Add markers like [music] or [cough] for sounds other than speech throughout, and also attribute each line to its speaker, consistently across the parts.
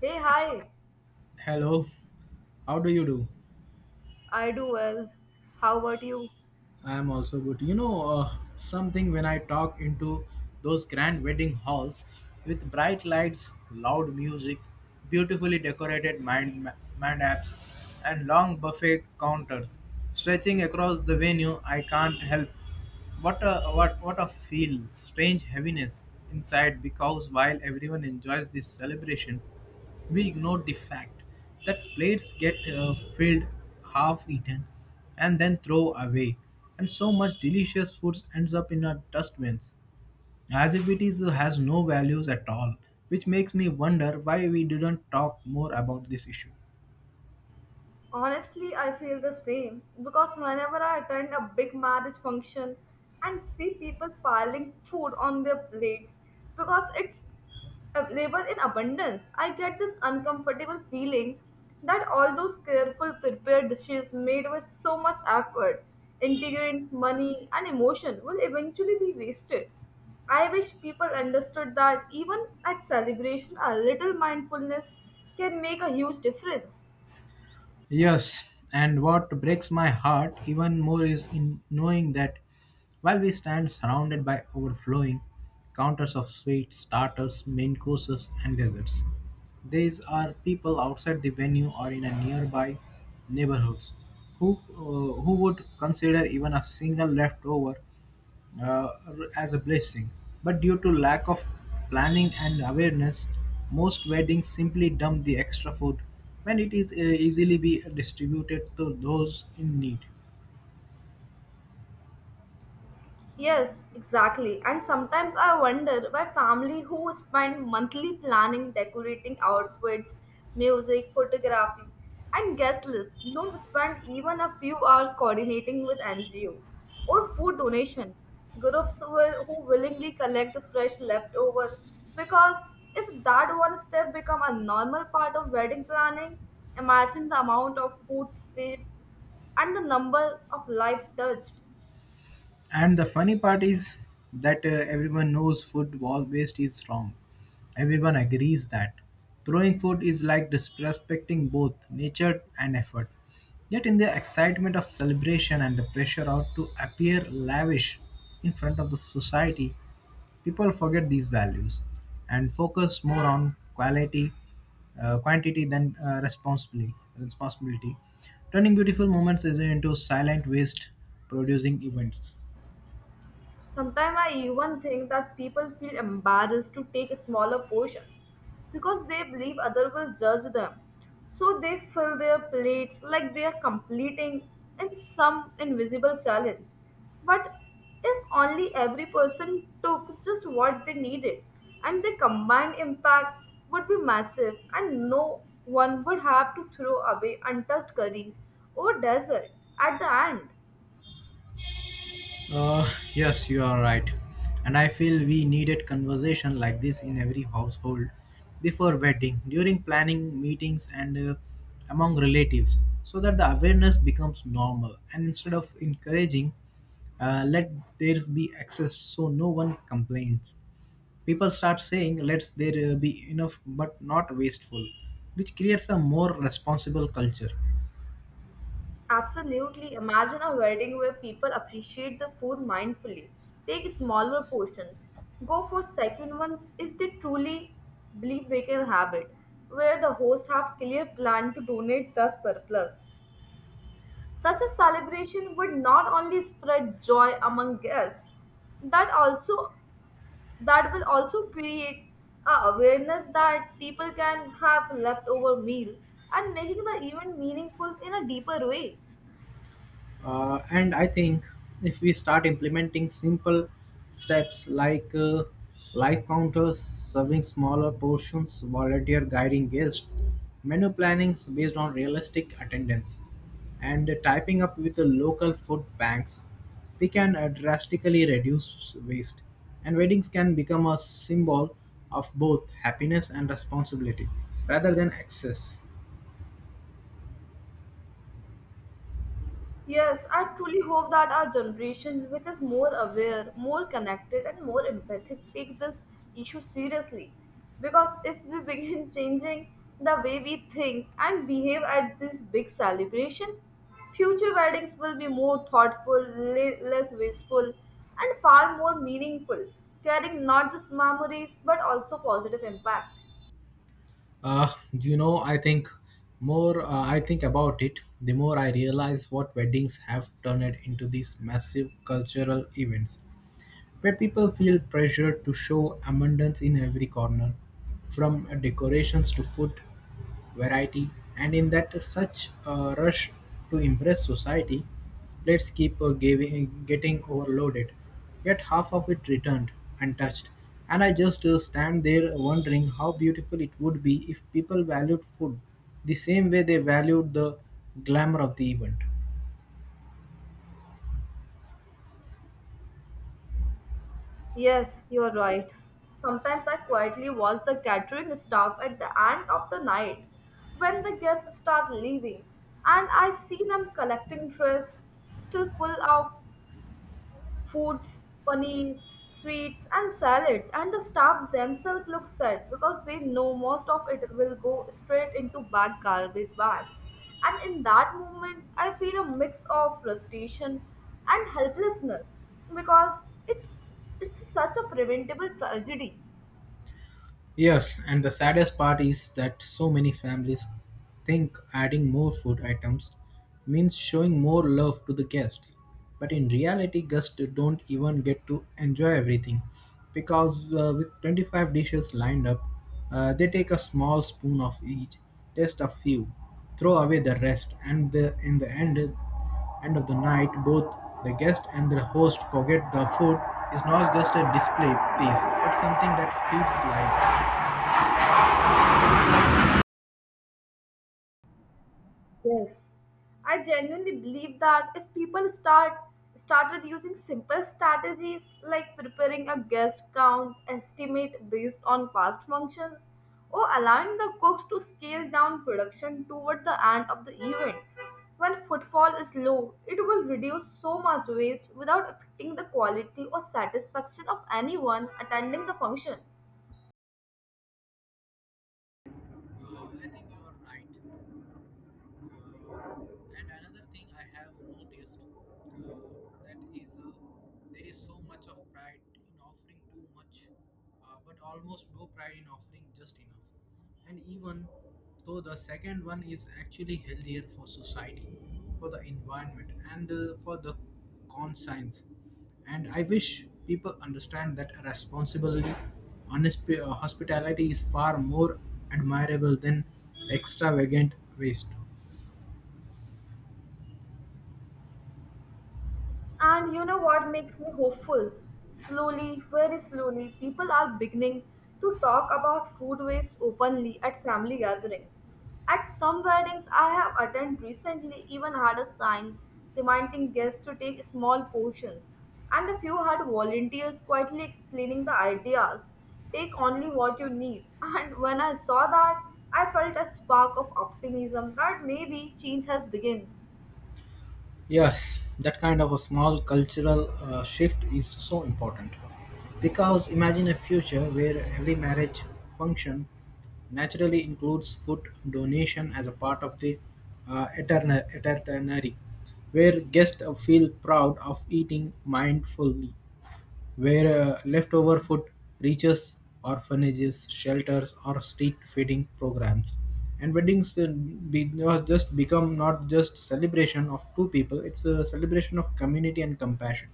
Speaker 1: Hey, hi.
Speaker 2: Hello, how do you do?
Speaker 1: I do well. How about you?
Speaker 2: I am also good. Something when I talk into those grand wedding halls with bright lights, loud music, beautifully decorated mandaps, and long buffet counters stretching across the venue, I can't help what a what a feel, strange heaviness inside because while everyone enjoys this celebration, we ignored the fact that plates get filled, half eaten, and then throw away, and so much delicious foods ends up in our dustbins as if it is has no values at all, which makes me wonder why we didn't talk more about this issue.
Speaker 1: Honestly, I feel the same because whenever I attend a big marriage function and see people piling food on their plates because it's available in abundance, I get this uncomfortable feeling that all those careful prepared dishes made with so much effort, ingredients, money, and emotion will eventually be wasted. I wish people understood that even at celebration, a little mindfulness can make a huge difference.
Speaker 2: Yes, and what breaks my heart even more is in knowing that while we stand surrounded by overflowing counters of sweets, starters, main courses, and desserts, these are people outside the venue or in a nearby neighborhoods who would consider even a single leftover uh, as a blessing. But due to lack of planning and awareness, most weddings simply dump the extra food when it is easily be distributed to those in need.
Speaker 1: Yes, exactly. And sometimes I wonder why family who spend monthly planning, decorating outfits, music, photography, and guest lists don't spend even a few hours coordinating with NGO or food donation groups will, who willingly collect the fresh leftover because if that one step become a normal part of wedding planning, imagine the amount of food saved and the number of life touched.
Speaker 2: And the funny part is that everyone knows waste is wrong. Everyone agrees that throwing food is like disrespecting both nature and effort. Yet, in the excitement of celebration and the pressure out to appear lavish in front of the society, people forget these values and focus more on quality, quantity than responsibility, turning beautiful moments is into silent waste producing events.
Speaker 1: Sometimes I even think that people feel embarrassed to take a smaller portion because they believe others will judge them. So they fill their plates like they are completing in some invisible challenge. But if only every person took just what they needed and the combined impact would be massive and no one would have to throw away untouched curries or dessert at the end.
Speaker 2: Uh, yes, you are right. And I feel we needed conversation like this in every household before wedding, during planning meetings, and among relatives so that the awareness becomes normal. And instead of encouraging, let there be access so no one complains. People start saying, let there be enough but not wasteful, which creates a more responsible culture.
Speaker 1: Absolutely. Imagine a wedding where people appreciate the food mindfully, take smaller portions, go for second ones if they truly believe they can have it, where the host have clear plan to donate the surplus. Such a celebration would not only spread joy among guests, that also that will also create a awareness that people can have leftover meals and making the event meaningful in a deeper way.
Speaker 2: And I think if we start implementing simple steps like live counters, serving smaller portions, volunteer guiding guests, menu plannings based on realistic attendance, and typing up with the local food banks, we can drastically reduce waste. And weddings can become a symbol of both happiness and responsibility rather than excess.
Speaker 1: Yes, I truly hope that our generation, which is more aware, more connected, and more empathic, take this issue seriously. Because if we begin [laughs] changing the way we think and behave at this big celebration, future weddings will be more thoughtful, less wasteful, and far more meaningful, carrying not just memories but also positive impact.
Speaker 2: Uh, you know, I think I think about it, the more I realize what weddings have turned into these massive cultural events where people feel pressure to show abundance in every corner, from decorations to food, variety, and in that such a rush to impress society, let's keep giving, getting overloaded. Yet half of it returned untouched, and I just stand there wondering how beautiful it would be if people valued food the same way they valued the glamour of the event.
Speaker 1: Yes, you're right. Sometimes I quietly watch the catering staff at the end of the night when the guests start leaving, and I see them collecting trays still full of foods, paneer, sweets, and salads, and the staff themselves look sad because they know most of it will go straight into bad garbage bags. And in that moment, I feel a mix of frustration and helplessness because it's such a preventable tragedy.
Speaker 2: Yes, and the saddest part is that so many families think adding more food items means showing more love to the guests. But in reality, guests don't even get to enjoy everything because with 25 dishes lined up, they take a small spoon of each, taste a few, throw away the rest, and in the end of the night, both the guest and the host forget the food is not just a display piece, it's something that feeds lives.
Speaker 1: Yes, I genuinely believe that if people started using simple strategies like preparing a guest count estimate based on past functions or allowing the cooks to scale down production toward the end of the event, when footfall is low, it will reduce so much waste without affecting the quality or satisfaction of anyone attending the function.
Speaker 2: I think you are right. Uh, and another thing I have noticed that is there is so much of pride in offering too much, but almost no pride in offering just enough, and even though the second one is actually healthier for society, for the environment, and for the conscience. And I wish people understand that responsibility, honest hospitality is far more admirable than extravagant waste.
Speaker 1: And you know what makes me hopeful? Slowly, very slowly, people are beginning to talk about food waste openly at family gatherings. At some weddings I have attended recently, even had a sign reminding guests to take small portions, and a few had volunteers quietly explaining the ideas take only what you need. [laughs] And when I saw that, I felt a spark of optimism that maybe change has begun.
Speaker 2: Yes, that kind of a small cultural shift is so important. Because imagine a future where every marriage function naturally includes food donation as a part of the eternary, where guests feel proud of eating mindfully, where leftover food reaches orphanages, shelters, or street feeding programs. And weddings be, was just become not just celebration of two people; it's a celebration of community and compassion.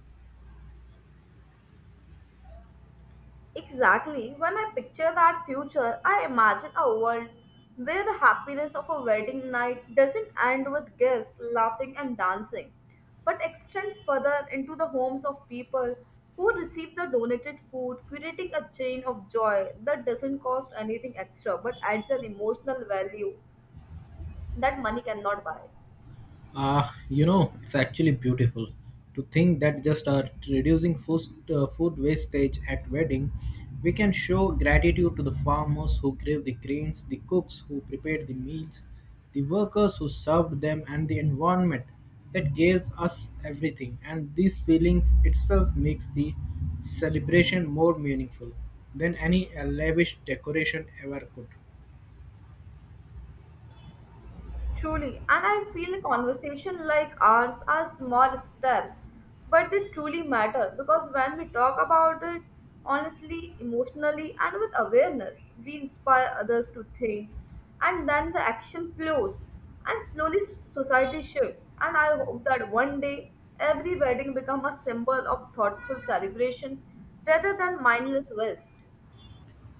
Speaker 1: Exactly. When I picture that future, I imagine a world where the happiness of a wedding night doesn't end with guests laughing and dancing, but extends further into the homes of people who receive the donated food, creating a chain of joy that doesn't cost anything extra but adds an emotional value that money cannot buy.
Speaker 2: Ah, you know, it's actually beautiful to think that just reducing food wastage at wedding, we can show gratitude to the farmers who gave the grains, the cooks who prepared the meals, the workers who served them, and the environment that gave us everything. And these feelings itself makes the celebration more meaningful than any lavish decoration ever could.
Speaker 1: Truly, and I feel a conversation like ours are small steps, but they truly matter because when we talk about it honestly, emotionally, and with awareness, we inspire others to think, and then the action flows, and slowly society shifts. And I hope that one day every wedding becomes a symbol of thoughtful celebration rather than mindless waste.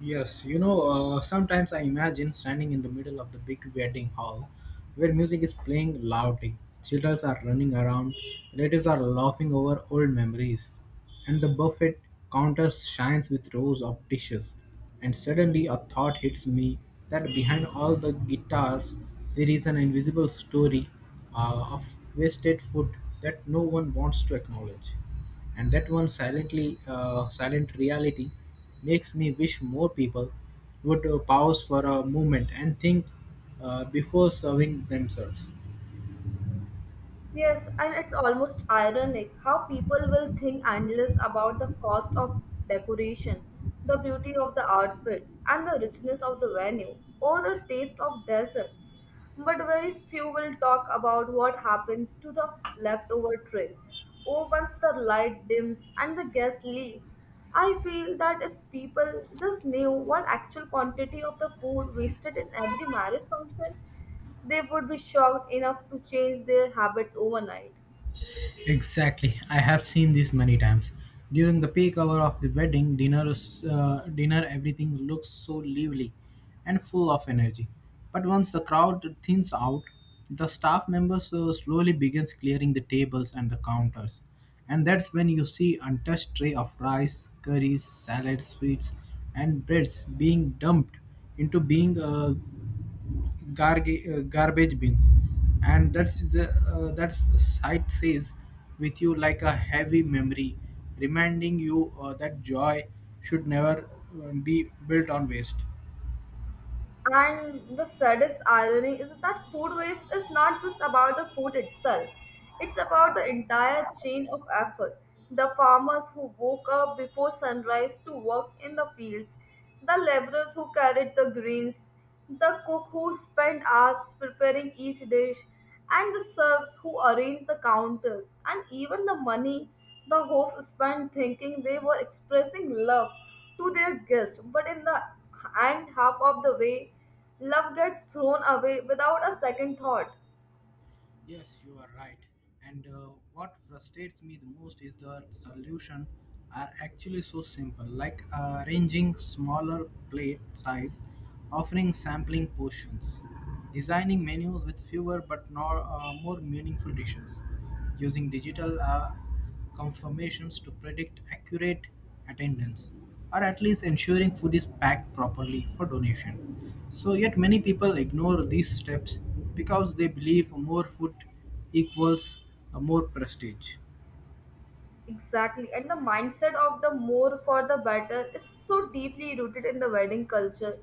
Speaker 2: Yes, you know, sometimes I imagine standing in the middle of the big wedding hall where music is playing loudly, children are running around, relatives are laughing over old memories, and the buffet counter shines with rows of dishes. And suddenly a thought hits me that behind all the guitars there is an invisible story of wasted food that no one wants to acknowledge, and that one silent reality makes me wish more people would pause for a moment and think before serving themselves.
Speaker 1: Yes, and it's almost ironic how people will think endless about the cost of decoration, the beauty of the outfits, and the richness of the venue, or the taste of desserts. But very few will talk about what happens to the leftover trays, or once the light dims and the guests leave. I feel that if people just knew what actual quantity of the food wasted in every marriage function, they would be shocked enough to change their habits overnight.
Speaker 2: Exactly. I have seen this many times. During the peak hour of the wedding dinner, dinner everything looks so lively and full of energy. But once the crowd thins out, the staff members slowly begins clearing the tables and the counters. And that's when you see untouched tray of rice, curries, salads, sweets, and breads being dumped into garbage bins. And that's the that's sight says with you like a heavy memory, reminding you that joy should never be built on waste.
Speaker 1: And the saddest irony is that food waste is not just about the food itself, it's about the entire chain of effort. The farmers who woke up before sunrise to work in the fields, the laborers who carried the grains, the cook who spent hours preparing each dish, and the servs who arranged the counters, and even the money the hosts spent thinking they were expressing love to their guest. But in the end, half of the way, love gets thrown away without a second thought.
Speaker 2: Yes, you are right. And what frustrates me the most is the solution are actually so simple, like arranging smaller plate size, offering sampling portions, designing menus with fewer but nor, more meaningful dishes, using digital confirmations to predict accurate attendance, or at least ensuring food is packed properly for donation. So, yet many people ignore these steps because they believe more food equals more prestige.
Speaker 1: Exactly. And the mindset of the more for the better is so deeply rooted in the wedding culture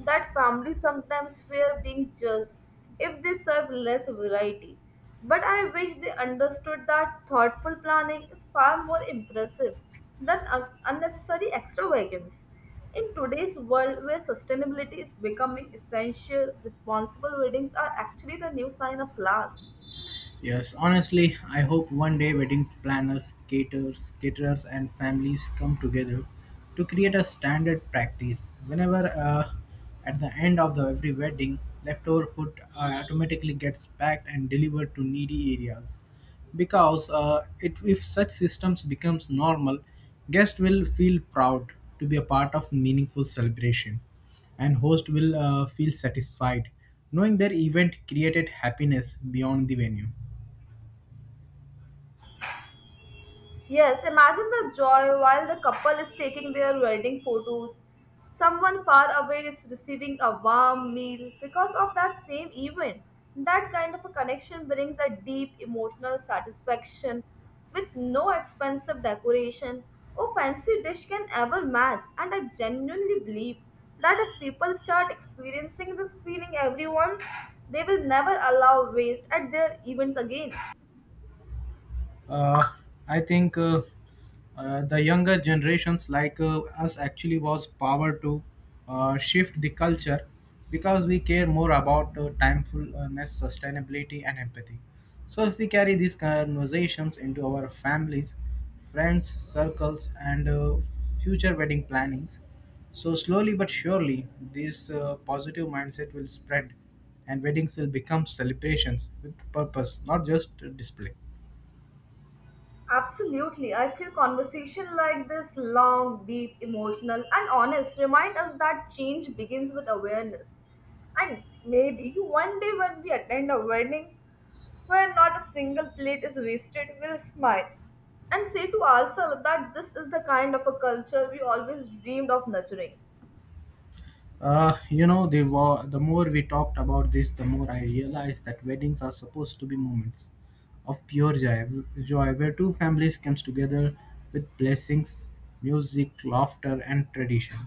Speaker 1: that families sometimes fear being judged if they serve less variety. But I wish they understood that thoughtful planning is far more impressive than unnecessary extravagance. In today's world where sustainability is becoming essential, responsible weddings are actually the new sign of class.
Speaker 2: Yes, honestly, I hope one day wedding planners, caterers, and families come together to create a standard practice. Whenever at the end of the every wedding, leftover food automatically gets packed and delivered to needy areas. Because if such systems becomes normal, guests will feel proud to be a part of meaningful celebration, and host will feel satisfied knowing their event created happiness beyond the venue.
Speaker 1: Yes, imagine the joy while the couple is taking their wedding photos. Someone far away is receiving a warm meal because of that same event. That kind of a connection brings a deep emotional satisfaction with no expensive decoration or fancy dish can ever match. And I genuinely believe that if people start experiencing this feeling, every once, they will never allow waste at their events again.
Speaker 2: Uh, I think uh, uh, the younger generations like us actually was power to shift the culture because we care more about timefulness, sustainability, and empathy. So if we carry these conversations into our families, friends, circles, and future wedding plannings, so slowly but surely this positive mindset will spread, and weddings will become celebrations with purpose, not just display.
Speaker 1: Absolutely. I feel conversation like this long, deep, emotional, and honest remind us that change begins with awareness. And maybe one day when we attend a wedding where not a single plate is wasted, we'll smile and say to ourselves that this is the kind of a culture we always dreamed of nurturing.
Speaker 2: The more we talked about this, the more I realized that weddings are supposed to be moments of pure joy, joy where two families comes together with blessings, music, laughter, and tradition.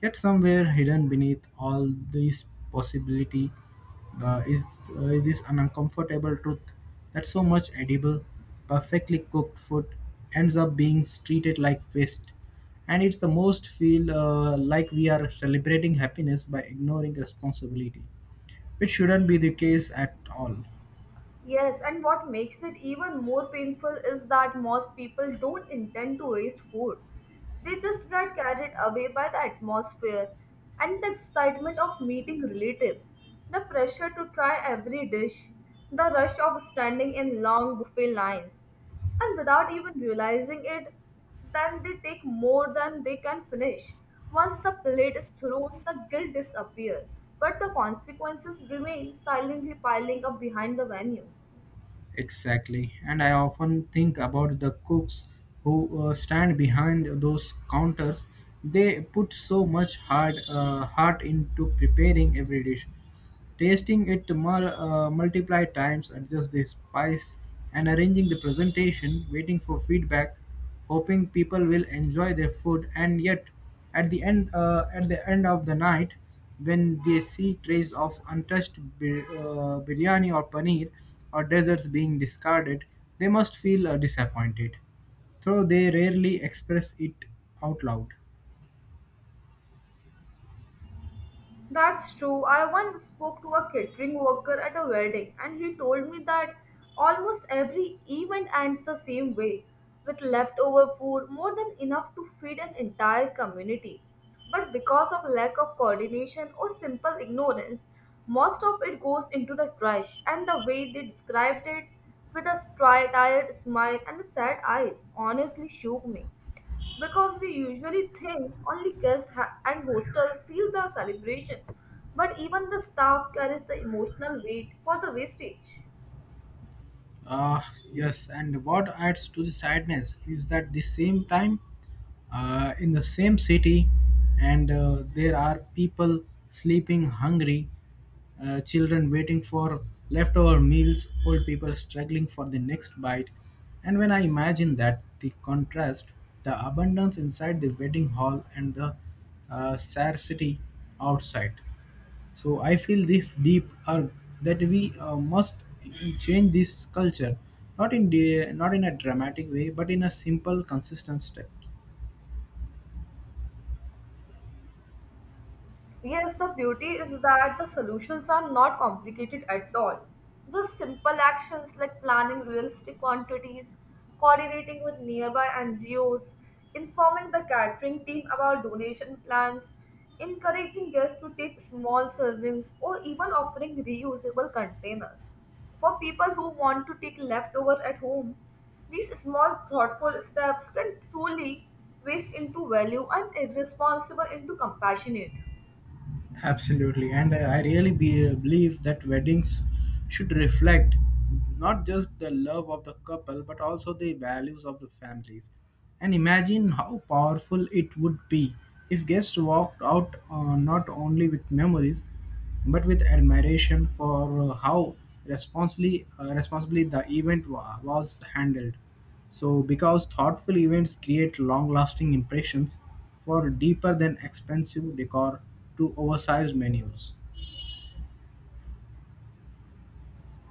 Speaker 2: Yet somewhere hidden beneath all these possibility uh, is is this an uncomfortable truth that so much edible, perfectly cooked food ends up being treated like waste, and it's the most feel like we are celebrating happiness by ignoring responsibility, which shouldn't be the case at all.
Speaker 1: Yes, and what makes it even more painful is that most people don't intend to waste food. They just get carried away by the atmosphere and the excitement of meeting relatives, the pressure to try every dish, the rush of standing in long buffet lines, and without even realizing it, then they take more than they can finish. Once the plate is thrown, the guilt disappears, but the consequences remain silently piling up behind the venue.
Speaker 2: Exactly. And I often think about the cooks who stand behind those counters. They put so much hard heart into preparing every dish. Tasting it multiplied times, adjust the spice and arranging the presentation, waiting for feedback, hoping people will enjoy their food. And yet, at the end of the night, when they see trays of untouched biryani or paneer or desserts being discarded, they must feel disappointed, though they rarely express it out loud.
Speaker 1: That's true. I once spoke to a catering worker at a wedding, and he told me that almost every event ends the same way with leftover food more than enough to feed an entire community. But because of lack of coordination or simple ignorance, most of it goes into the trash. And the way they described it with a tired smile and sad eyes honestly shook me because we usually think only guests and hostel feel the celebration, but even the staff carries the emotional weight for the wastage.
Speaker 2: Uh, yes, and what adds to the sadness is that the same time, in the same city, and there are people sleeping hungry, children waiting for leftover meals, old people struggling for the next bite. And when I imagine that, the contrast, the abundance inside the wedding hall and the scarcity outside. So I feel this deep urge that we must change this culture, not in a dramatic way, but in a simple, consistent step.
Speaker 1: Yes, the beauty is that the solutions are not complicated at all. Just simple actions like planning realistic quantities, coordinating with nearby NGOs, informing the catering team about donation plans, encouraging guests to take small servings, or even offering reusable containers. For people who want to take leftover at home, these small thoughtful steps can truly waste into value and irresponsible into compassionate.
Speaker 2: Absolutely, and I really believe that weddings should reflect not just the love of the couple, but also the values of the families. And imagine how powerful it would be if guests walked out not only with memories but with admiration for how responsibly the event was handled. So, because thoughtful events create long-lasting impressions, for deeper than expensive decor to oversized menus.